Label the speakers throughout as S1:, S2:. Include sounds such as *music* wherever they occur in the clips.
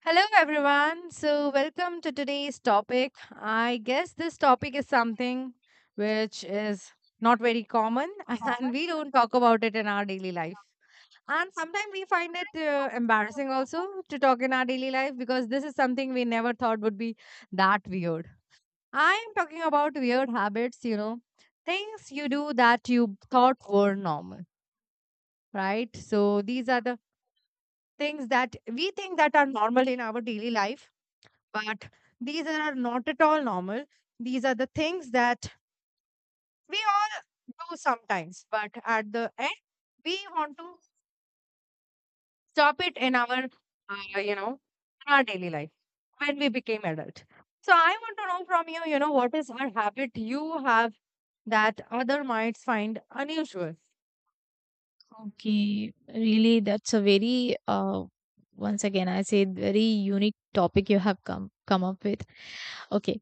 S1: Hello, everyone. So, welcome to today's topic. I guess this topic is something which is not very common *laughs* and we don't talk about it in our daily life. And sometimes we find it embarrassing also to talk in our daily life because this is something we never thought would be that weird. I am talking about weird habits, you know, things you do that you thought were normal, right? So, these are the things that we think that are normal in our daily life but these are not at all normal. These are the things that we all do sometimes. But at the end, we want to stop it in our, you know, in our daily life when we became adult. So I want to know from you, you know, what is our habit you have that other might find unusual?
S2: Okay, really, that's a very once again I say very unique topic you have come up with. Okay,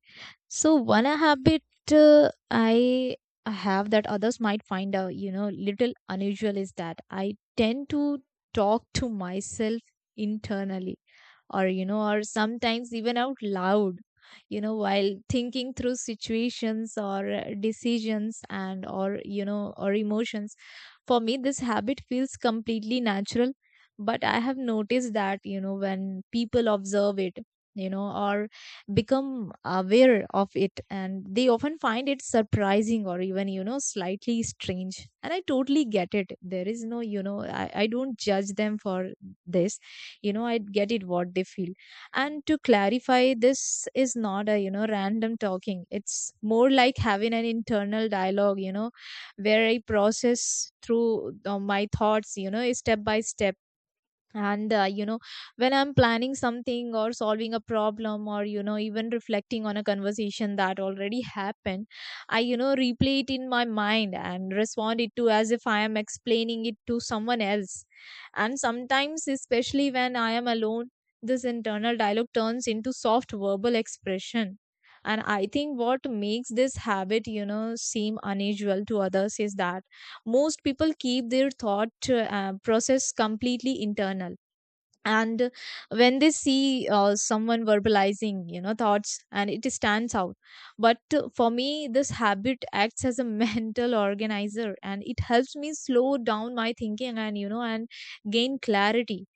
S2: so one habit I have that others might find a little unusual is that I tend to talk to myself internally. Or you know or sometimes even out loud, while thinking through situations or decisions and or you know or emotions. For me this habit feels completely natural, but I have noticed that, when people observe it, you know or become aware of it, and they often find it surprising or even, slightly strange. And I totally get it. There is no I don't judge them for this. I get it, what they feel. And to clarify, this is not a, random talking. It's more like having an internal dialogue, where I process through my thoughts, step by step. And when I'm planning something or solving a problem, or, even reflecting on a conversation that already happened, I, replay it in my mind and respond it to as if I am explaining it to someone else. And sometimes, especially when I am alone, this internal dialogue turns into soft verbal expression. And I think what makes this habit, seem unusual to others is that most people keep their thought process completely internal, and when they see someone verbalizing, thoughts, and it stands out. But for me, this habit acts as a *laughs* mental organizer, and it helps me slow down my thinking and, gain clarity.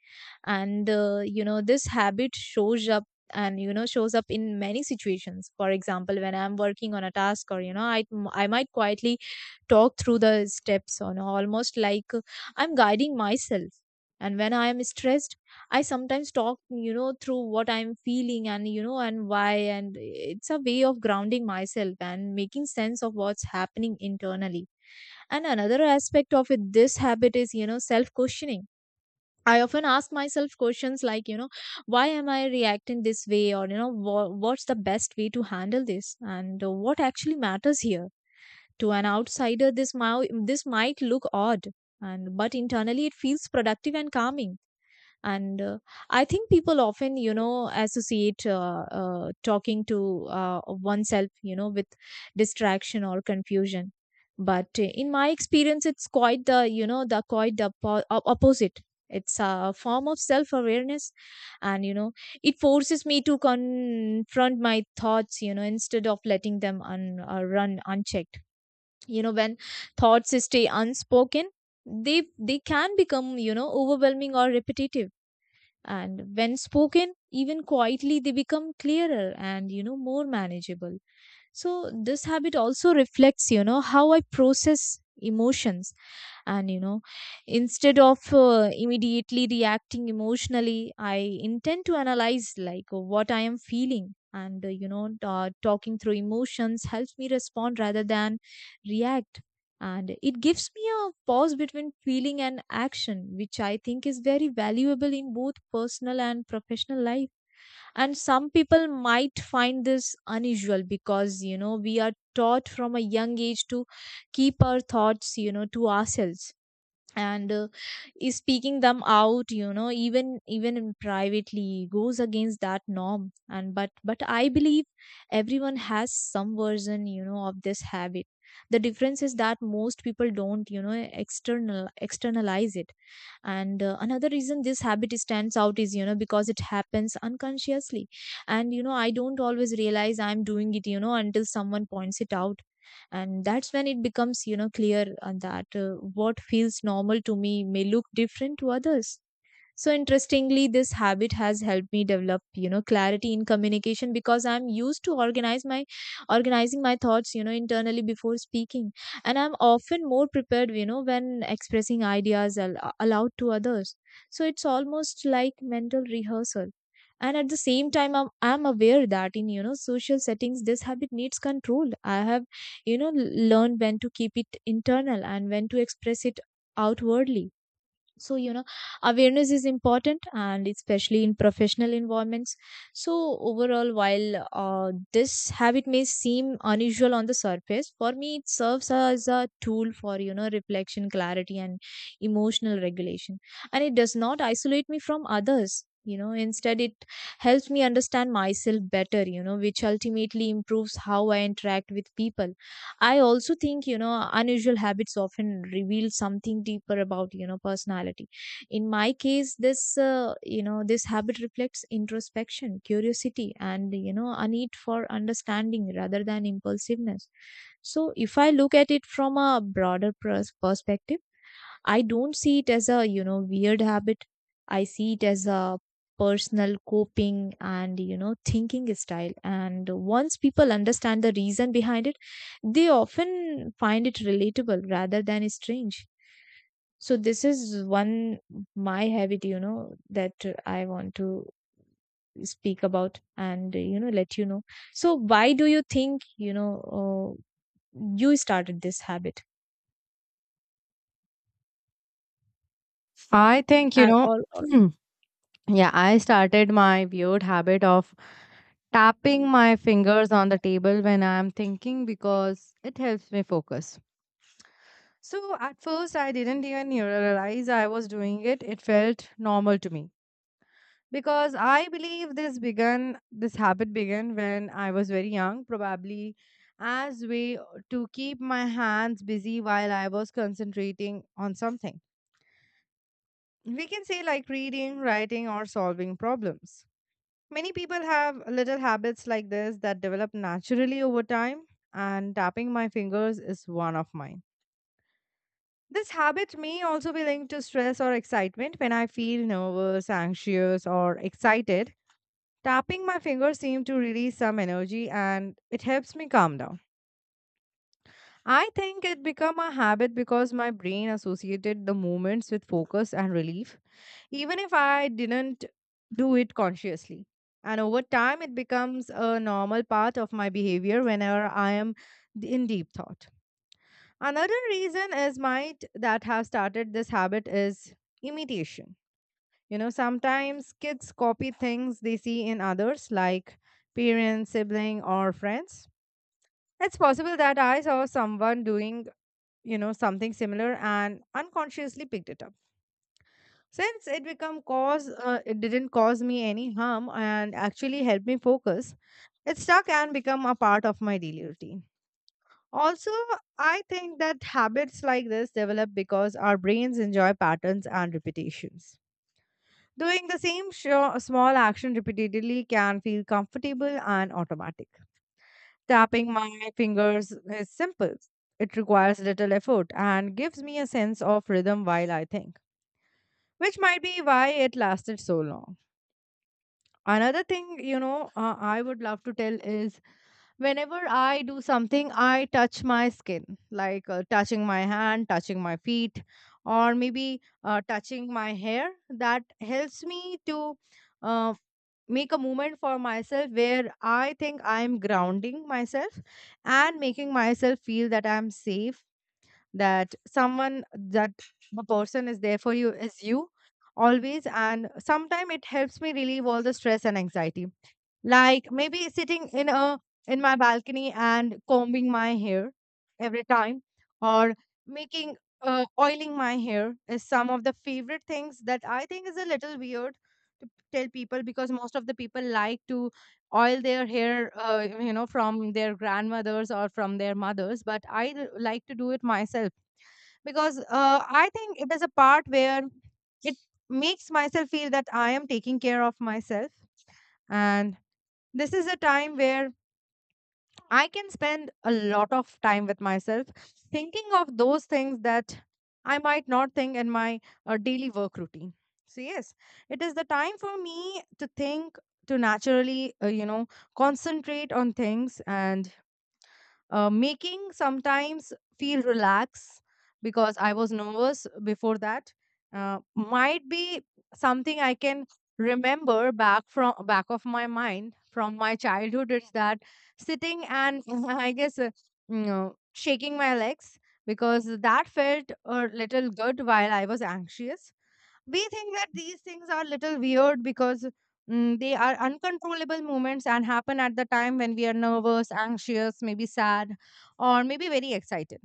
S2: And this habit shows up and shows up in many situations. For example, when I'm working on a task, or, I might quietly talk through the steps, on almost like I'm guiding myself. And when I am stressed, I sometimes talk, through what I'm feeling, and you know and why. And it's a way of grounding myself and making sense of what's happening internally. And another aspect of it, this habit is, self questioning. I often ask myself questions like, why am I reacting this way? Or, what's the best way to handle this? And what actually matters here? To an outsider, this might look odd, and but internally it feels productive and calming. And I think people often, associate, talking to, oneself, with distraction or confusion. But in my experience it's quite the, quite the opposite. It's a form of self awareness, and it forces me to confront my thoughts, instead of letting them run unchecked. When thoughts stay unspoken, they can become, overwhelming or repetitive. And when spoken, even quietly, they become clearer and, more manageable. So this habit also reflects, how I process emotions. And you know Instead of immediately reacting emotionally, I intend to analyze like what I am feeling. And talking through emotions helps me respond rather than react. And it gives me a pause between feeling and action, which I think is very valuable in both personal and professional life. And some people might find this unusual because, we are taught from a young age to keep our thoughts, to ourselves. And is speaking them out, even in privately, goes against that norm. And But I believe everyone has some version, of this habit. The difference is that most people don't, externalize it. And another reason this habit stands out is, because it happens unconsciously. And I don't always realize I'm doing it, until someone points it out. And that's when it becomes, clear that what feels normal to me may look different to others. So interestingly, this habit has helped me develop, clarity in communication, because I'm used to organize my organizing my thoughts, internally before speaking. And I'm often more prepared, when expressing ideas aloud to others. So it's almost like mental rehearsal. And at the same time, I'm aware that in, social settings, this habit needs control. I have, learned when to keep it internal and when to express it outwardly. So, awareness is important, and especially in professional environments. So overall, while this habit may seem unusual on the surface, for me it serves as a tool for, reflection, clarity, and emotional regulation. And it does not isolate me from others. Instead, it helps me understand myself better, which ultimately improves how I interact with people. I also think, unusual habits often reveal something deeper about, personality. In my case, this, this habit reflects introspection, curiosity, and, a need for understanding rather than impulsiveness. So if I look at it from a broader perspective, I don't see it as a, weird habit. I see it as a personal coping and, thinking style. And once people understand the reason behind it, they often find it relatable rather than strange. So this is one my habit, that I want to speak about and, let you know. So why do you think, you started this habit?
S1: I think, you
S2: And
S1: know,
S2: or, or
S1: *clears throat* yeah, I started my weird habit of tapping my fingers on the table when I'm thinking because it helps me focus. So at first, I didn't even realize I was doing it. It felt normal to me because I believe this habit began when I was very young, probably as way to keep my hands busy while I was concentrating on something. We can say like reading, writing, or solving problems. Many people have little habits like this that develop naturally over time, and tapping my fingers is one of mine. This habit may also be linked to stress or excitement. When I feel nervous, anxious, or excited, tapping my fingers seems to release some energy and it helps me calm down. I think it became a habit because my brain associated the movements with focus and relief, even if I didn't do it consciously. And over time, it becomes a normal part of my behavior whenever I am in deep thought. Another reason is might that have started this habit is imitation. You know, sometimes kids copy things they see in others, like parents, sibling, or friends. It's possible that I saw someone doing, you know, something similar and unconsciously picked it up. Since it didn't cause me any harm and actually helped me focus, it stuck and become a part of my daily routine. Also, I think that habits like this develop because our brains enjoy patterns and repetitions. Doing the same small action repeatedly can feel comfortable and automatic. Tapping my fingers is simple. It requires little effort and gives me a sense of rhythm while I think, which might be why it lasted so long. Another thing, you know, I would love to tell is whenever I do something, I touch my skin, like touching my hand, touching my feet, or maybe touching my hair. That helps me to uh, make a movement for myself where I think I'm grounding myself and making myself feel that I'm safe, that someone, that the person is there for you is you always. And sometimes it helps me relieve all the stress and anxiety, like maybe sitting in a in my balcony and combing my hair every time, or making oiling my hair is some of the favorite things that I think is a little weird to tell people because most of the people like to oil their hair, you know, from their grandmothers or from their mothers, but like to do it myself because I think it is a part where it makes myself feel that I am taking care of myself, and this is a time where I can spend a lot of time with myself, thinking of those things that I might not think in my daily work routine. So, yes, it is the time for me to think, to naturally, you know, concentrate on things and making sometimes feel relaxed because I was nervous before that. Might be something I can remember back from back of my mind from my childhood is that sitting and *laughs* I guess, you know, shaking my legs because that felt a little good while I was anxious. We think that these things are little weird because they are uncontrollable moments and happen at the time when we are nervous, anxious, maybe sad, or maybe very excited.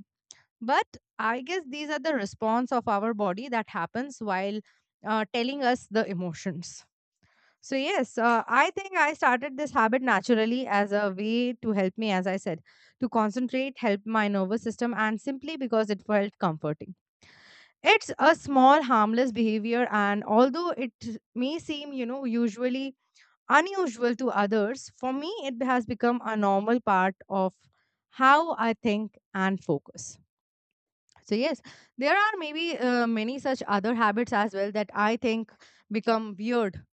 S1: But I guess these are the response of our body that happens while telling us the emotions. So, yes, I think I started this habit naturally as a way to help me, as I said, to concentrate, help my nervous system, and simply because it felt comforting. It's a small harmless behavior, and although it may seem, you know, usually unusual to others, for me it has become a normal part of how I think and focus. So yes, there are maybe many such other habits as well that I think become weird,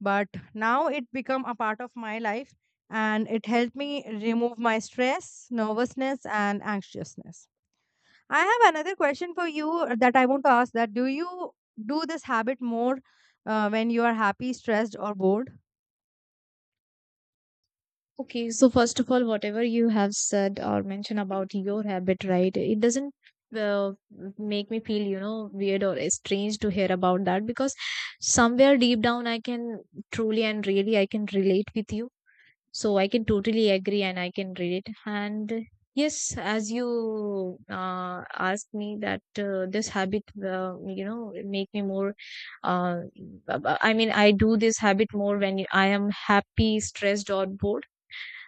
S1: but now it become a part of my life and it helped me remove my stress, nervousness and anxiousness. I have another question for you that I want to ask that do you do this habit more when you are happy, stressed, or bored?
S2: okay, so first of all, whatever you have said or mentioned about your habit, right? It doesn't uh, make me feel, weird or strange to hear about that, because somewhere deep down, I can truly and really I can relate with you. So I can totally agree and I can relate. And yes, as you asked me that this habit, make me more uh, I mean, I do this habit more when I am happy, stressed, or bored,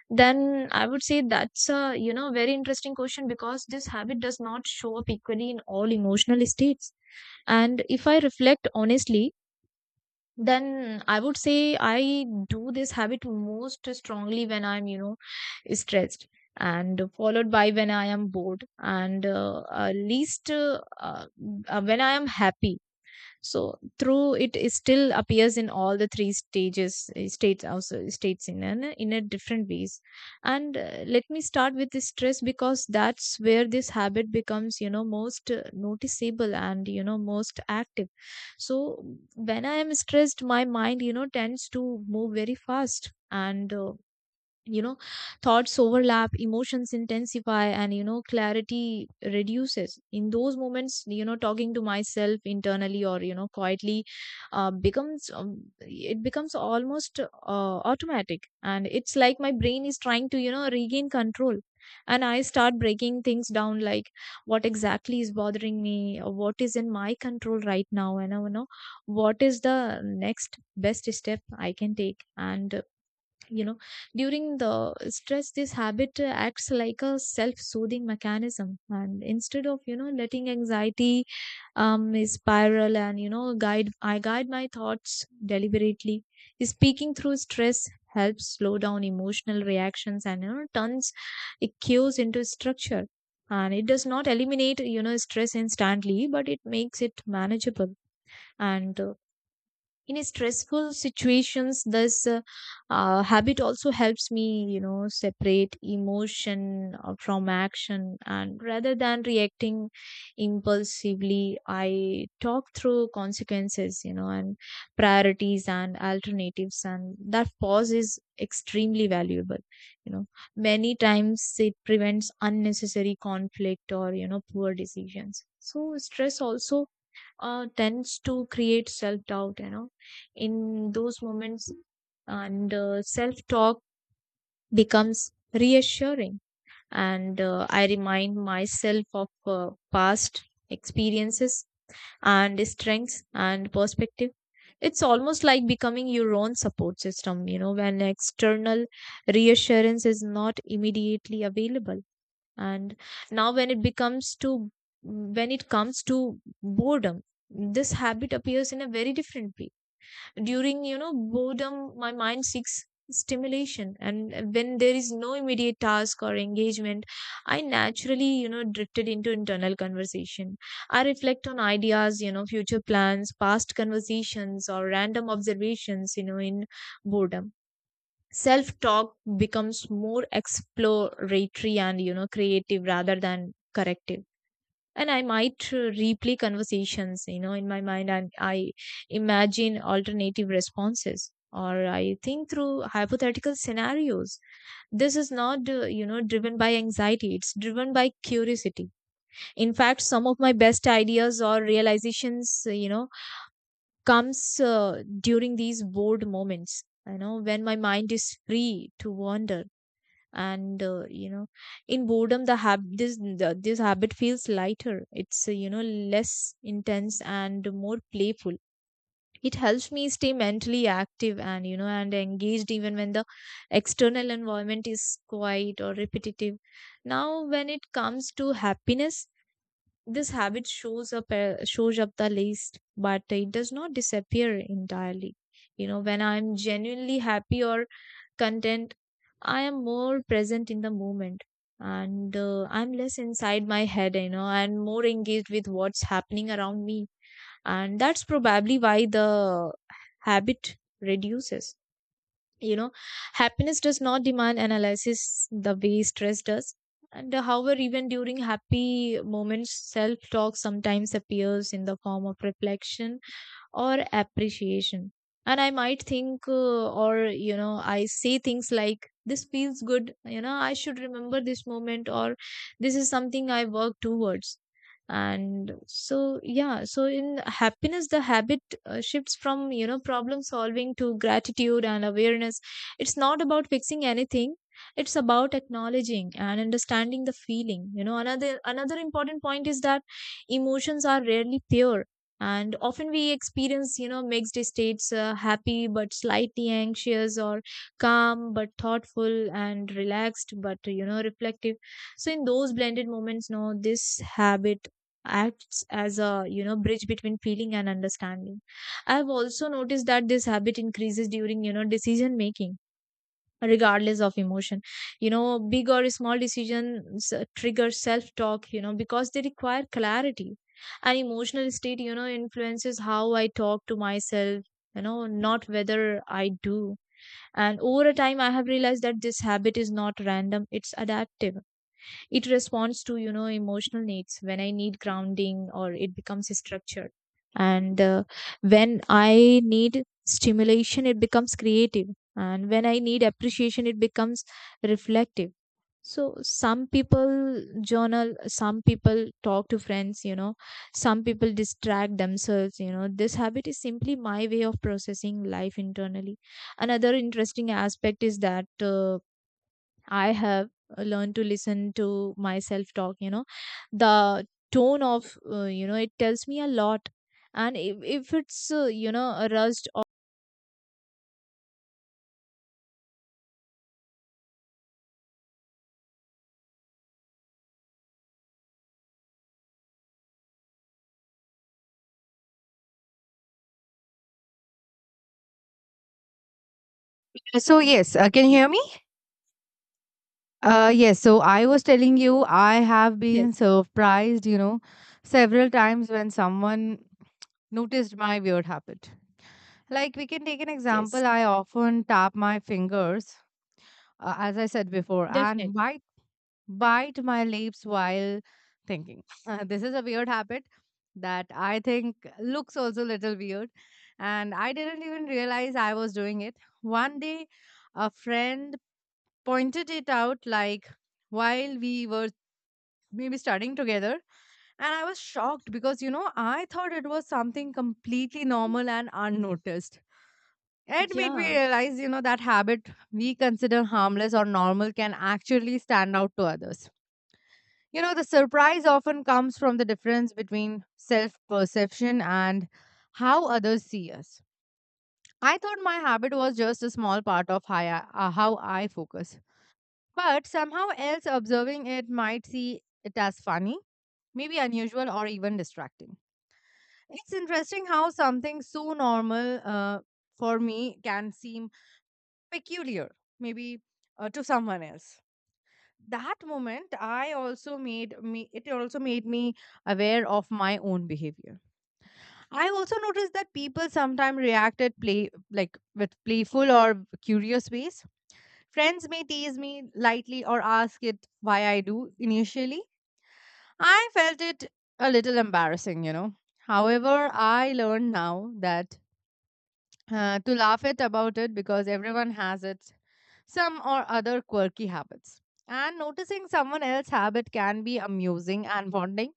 S2: then I would say that's a, very interesting question, because this habit does not show up equally in all emotional states. And if I reflect honestly, then I would say I do this habit most strongly when I'm, stressed, and followed by when I am bored, and least when I am happy. So through it, is still appears in all the three stages, states, also states in an in a different ways. And let me start with the stress, because that's where this habit becomes, most noticeable and, most active. So when I am stressed, my mind, tends to move very fast. And you know Thoughts overlap, emotions intensify, and, clarity reduces. In those moments, talking to myself internally, or, quietly, becomes it becomes almost automatic. And it's like my brain is trying to, regain control. And I start breaking things down, like what exactly is bothering me, or what is in my control right now, and, what is the next best step I can take. And you know During the stress, this habit acts like a self-soothing mechanism. And instead of, letting anxiety spiral and, you know guide I guide my thoughts deliberately. Speaking through stress helps slow down emotional reactions and, turns it cues into structure. And it does not eliminate, stress instantly, but it makes it manageable. And in stressful situations, this habit also helps me, separate emotion from action. And rather than reacting impulsively, I talk through consequences, and priorities and alternatives. And that pause is extremely valuable. you know Many times it prevents unnecessary conflict, or, poor decisions. So stress also tends to create self doubt, in those moments, and self talk becomes reassuring. And I remind myself of past experiences and strengths and perspective. It's almost like becoming your own support system, when external reassurance is not immediately available. And now when it comes to boredom, this habit appears in a very different way. During boredom, my mind seeks stimulation, and when there is no immediate task or engagement, I naturally drifted into internal conversation. I reflect on ideas, future plans, past conversations, or random observations. In boredom, self talk becomes more exploratory and creative rather than corrective, and I might replay conversations in my mind, and I imagine alternative responses, or I think through hypothetical scenarios. This is not driven by anxiety, it's driven by curiosity. In fact, some of my best ideas or realizations comes during these bored moments, when my mind is free to wander. And you know In boredom, the hab this the, this habit feels lighter. It's less intense and more playful. It helps me stay mentally active and and engaged even when the external environment is quiet or repetitive. Now, when it comes to happiness, this habit shows up the least, but it does not disappear entirely. You know, when I'm genuinely happy or content, I am more present in the moment, and I'm less inside my head, you know, and more engaged with what's happening around me. And that's probably why the habit reduces. you know Happiness does not demand analysis the way stress does. And However, even during happy moments, self talk sometimes appears in the form of reflection or appreciation. And I might think, or, I say things like, this feels good, I should remember this moment, or this is something I work towards. And so, yeah, so in happiness, the habit shifts from, problem solving to gratitude and awareness. It's not about fixing anything, it's about acknowledging and understanding the feeling. Another important point is that emotions are rarely pure, and often we experience mixed states: happy but slightly anxious, or calm but thoughtful, and relaxed but reflective. So in those blended moments, no, this habit acts as a bridge between feeling and understanding. I have also noticed that this habit increases during, decision making, regardless of emotion. You know, big or small decisions trigger self talk, because they require clarity. An emotional state influences how I talk to myself, not whether I do. And over a time, I have realized that this habit is not random, it's adaptive. It responds to emotional needs. When I need grounding, or it becomes structured, and when I need stimulation, it becomes creative, and when I need appreciation, it becomes reflective. So some people journal, some people talk to friends, some people distract themselves. This habit is simply my way of processing life internally. Another interesting aspect is that, uh, I have learned to listen to myself talk, the tone of, it tells me a lot. And if it's, a rushed or
S1: So yes, can you hear me? Yes, so I was telling you, I have been
S2: yes,
S1: surprised, you know, several times when someone noticed my weird habit. Like, we can take an
S2: yes,
S1: example. I often tap my fingers, as I said before, and
S2: definitely.
S1: by bite my lips while thinking. *laughs* This is a weird habit that I think looks also a little weird. And I didn't even realize I was doing it. One day, a friend pointed it out, like while we were maybe studying together. And I was shocked because, you know, I thought it was something completely normal and unnoticed. It made me
S2: Yeah.
S1: realize, you know, that habit we consider harmless or normal can actually stand out to others. You know, the surprise often comes from the difference between self perception and how others see us. I thought my habit was just a small part of how I focus, but somehow else observing it might see it as funny, maybe unusual, or even distracting. It's interesting how something so normal, for me can seem peculiar, maybe to someone else. That moment I also made me it also made me aware of my own behavior. I also noticed that people sometimes reacted play like with playful or curious ways. Friends may tease me lightly or ask it why I do. Initially I felt it a little embarrassing, you know. However, I learned now that to laugh it about it because everyone has it some or other quirky habits. And noticing someone else's habit can be amusing and bonding.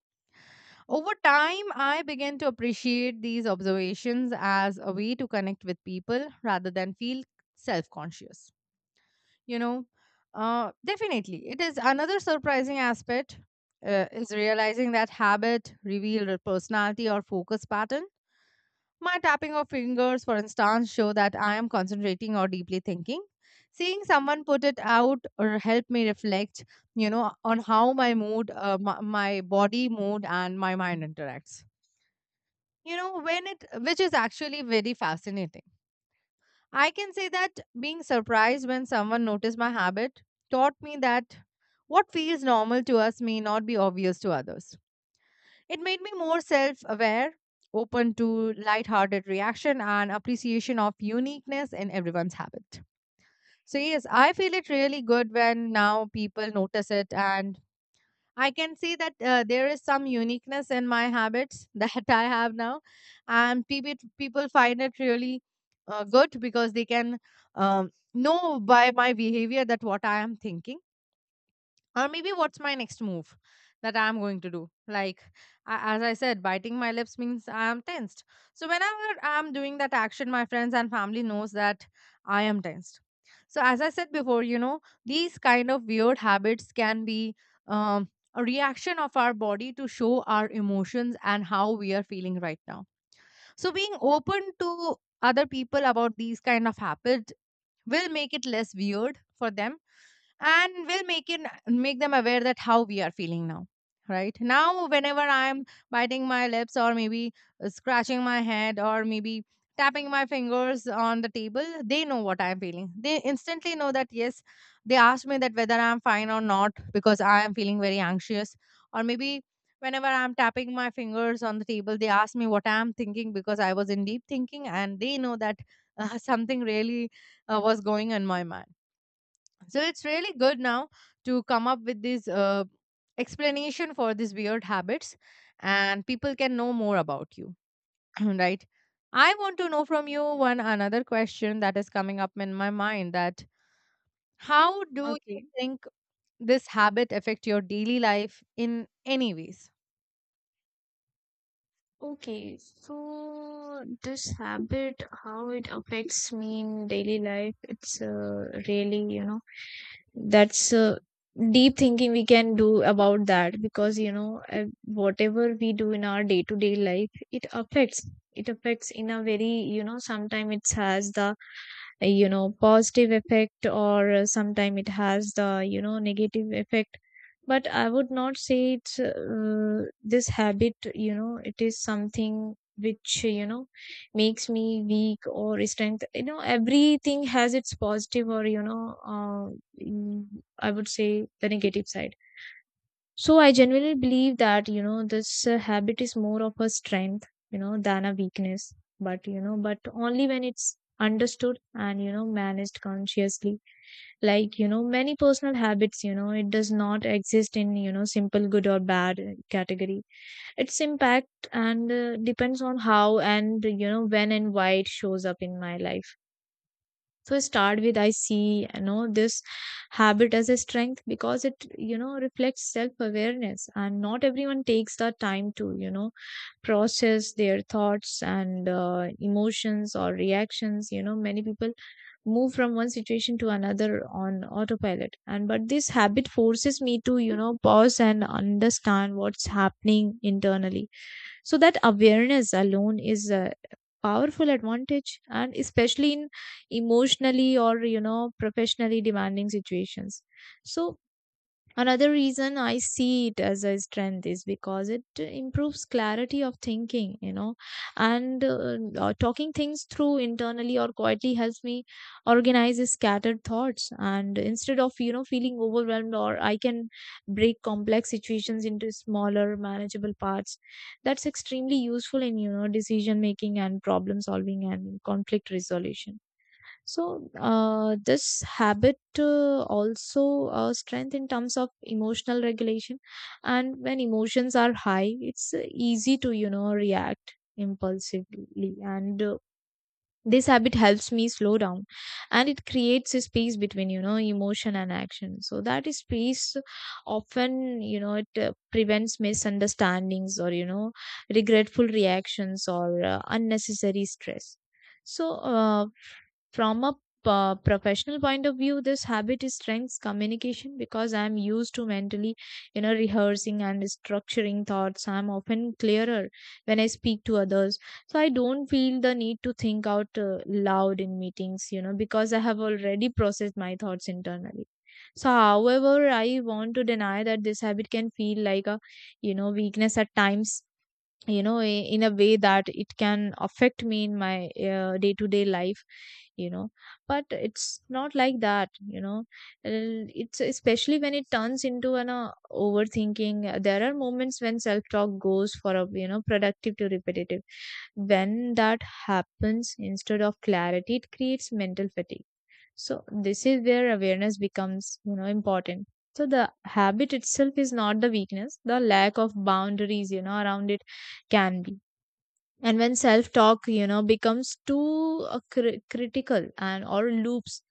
S1: Over time, I began to appreciate these observations as a way to connect with people rather than feel self conscious. You know, definitely, it is another surprising aspect, is realizing that habit reveal a personality or focus pattern. My tapping of fingers, for instance, show that I am concentrating or deeply thinking. Seeing someone put it out or help me reflect, you know, on how my mood, my body mood, and my mind interacts. You know, when it, which is actually very fascinating. I can say that being surprised when someone noticed my habit taught me that what feels normal to us may not be obvious to others. It made me more self aware, open to lighthearted reaction, and appreciation of uniqueness in everyone's habit. So, yes, I feel it really good when now people notice it, and I can see that there is some uniqueness in my habits *laughs* that I have now, and people find it really good because they can know by my behavior that what I am thinking or maybe what's my next move that I'm going to do, like as I said, biting my lips means I'm tensed, so whenever I'm doing that action, my friends and family knows that I am tensed. So as I said before, you know, these kind of weird habits can be um, a reaction of our body to show our emotions and how we are feeling right now. So being open to other people about these kind of habits will make it less weird for them and will make them aware that how we are feeling now. Right now, whenever I am biting my lips or maybe scratching my head or maybe tapping my fingers on the table, they know what I'm feeling. They instantly know that yes, they ask me that whether I'm fine or not because I am feeling very anxious, or maybe whenever I'm tapping my fingers on the table, they ask me what I'm thinking because I was in deep thinking and they know that *laughs* something really was going on my mind. So it's really good now to come up with this explanation for these weird habits, and people can know more about you, *clears throat* right? I want to know from you one another question that is coming up in my mind, that how do you
S2: Okay.
S1: think this habit affect your daily life in any ways?
S2: Okay. So this habit, how it affects me in daily life, it's really, you know. That's deep thinking we can do about that, because whatever we do in our day to day life, it affects, it affects in a very, you know, sometimes it has the positive effect, or sometimes it has the negative effect. But I would not say it's this habit, it is something which makes me weak or strength. You know, everything has its positive or mm, I would say the negative side. So I genuinely believe that, you know, this habit is more of a strength, you know, than a weakness. But, only when it's understood and, you know, managed consciously. Like, you know, many personal habits, it does not exist in, you know, simple good or bad category. Its impact and depends on how, and, you know, when and why it shows up in my life. So start with, I see this habit as a strength, because it, reflects self awareness, and not everyone takes the time to, process their thoughts and emotions or reactions. You know, many people move from one situation to another on autopilot, and but this habit forces me to, pause and understand what's happening internally. So that awareness alone is a powerful advantage, and especially in emotionally or, professionally demanding situations. So another reason I see it as a strength is because it improves clarity of thinking, you know, and talking things through internally or quietly helps me organize scattered thoughts. And instead of, you know, feeling overwhelmed, or I can break complex situations into smaller, manageable parts. That's extremely useful in, you know, decision making and problem solving and conflict resolution. So, this habit also strength in terms of emotional regulation. And when emotions are high, it's easy to, you know, react impulsively. And this habit helps me slow down, and it creates a space between, you know, emotion and action. So that is space often, you know, it prevents misunderstandings or, you know, regretful reactions or unnecessary stress. So from a professional point of view, this habit is strengths communication, because I am used to mentally, rehearsing and structuring thoughts. I'm often clearer when I speak to others, so I don't feel the need to think out loud in meetings, because I have already processed my thoughts internally. So however, I want to deny that this habit can feel like a, weakness at times. You know, in a way that it can affect me in my day-to-day life, you know but it's not like that. It's especially when it turns into an overthinking. There are moments when self-talk goes for a, productive to repetitive. When that happens, instead of clarity, it creates mental fatigue. So this is where awareness becomes, you know, important. So the habit itself is not the weakness, the lack of boundaries, you know, around it can be. And when self-talk, you know, becomes too critical and or loops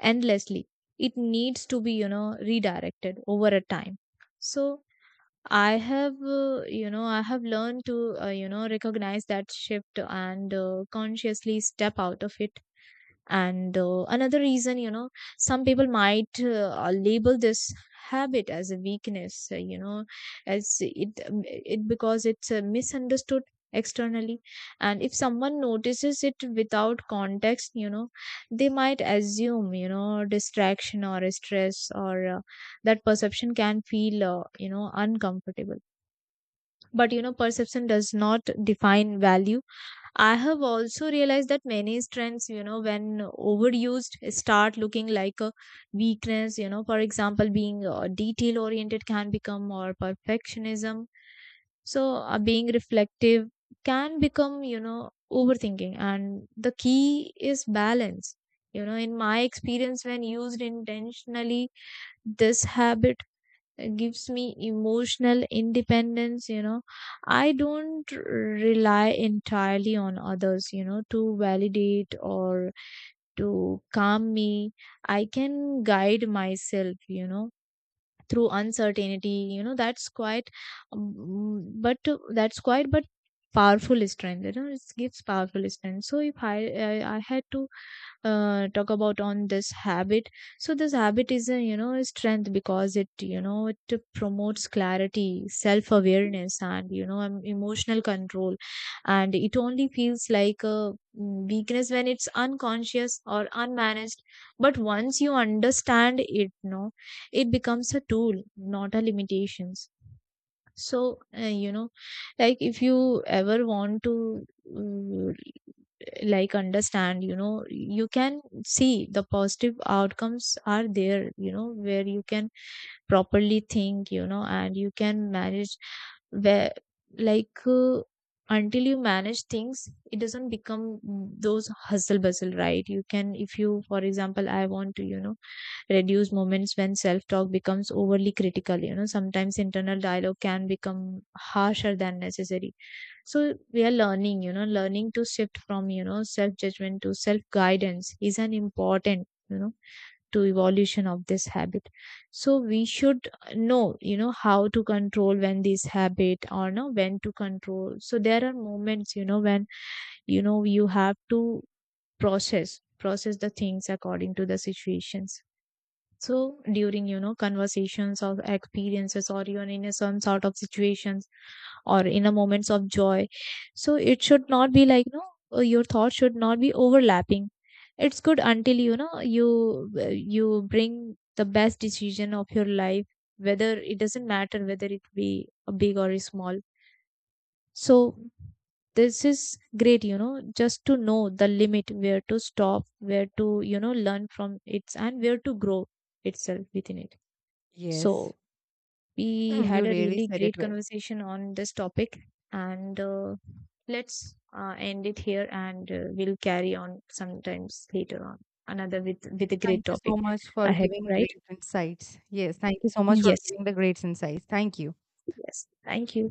S2: endlessly, it needs to be, you know, redirected over a time. So I have learned to, recognize that shift and consciously step out of it. And another reason, some people might label this habit as a weakness, as it because it's misunderstood externally. And if someone notices it without context, they might assume, distraction or stress, or that perception can feel uncomfortable. But, perception does not define value. I have also realized that many strengths, you know, when overused, start looking like a weakness. You know, for example, being detail oriented can become or perfectionism. So, being reflective can become, you know, overthinking. And the key is balance. You know, in my experience, when used intentionally, this habit gives me emotional independence. You know, I don't rely entirely on others, to validate or to calm me. I can guide myself, through uncertainty. You know, that's quite but that's quite but powerful strength. It gives powerful strength. So if I had to talk about on this habit, so this habit is a strength, because it you know it promotes clarity, self awareness, and, you know, emotional control. And it only feels like a weakness when it's unconscious or unmanaged. But once you understand it, no, it becomes a tool, not a limitations. So like, if you ever want to, mm, like, understand, you can see the positive outcomes are there, where you can properly think, and you can manage where, like, until you manage things, it doesn't become those hustle bustle, right? You can, if you, for example, I want to, reduce moments when self-talk becomes overly critical. You know, sometimes internal dialogue can become harsher than necessary. So we are learning to shift from, self-judgment to self-guidance, is an important, to evolution of this habit. So we should know, how to control when this habit, or no, when to control. So there are moments, when, you have to process the things according to the situations. So during, you know, conversations or experiences, or even in a some sort of situations, or in a moments of joy. So it should not be like, no, your thoughts should not be overlapping. It's good until, you know, you bring the best decision of your life, whether it doesn't matter whether it be a big or a small. So this is great, you know, just to know the limit, where to stop, where to, you know, learn from it, and where to grow itself within it.
S1: Yes,
S2: So
S1: *clears throat*
S2: we
S1: mm, you
S2: had a
S1: really
S2: really
S1: said it
S2: great
S1: well.
S2: conversation on this topic, and let's end it here, and we'll carry on sometimes later on another with a great
S1: Thank you so
S2: topic
S1: much for
S2: ahead,
S1: giving
S2: right?
S1: great insights. Yes, thank you so much for
S2: Yes.
S1: giving the great insights. Thank you.
S2: Yes, thank you.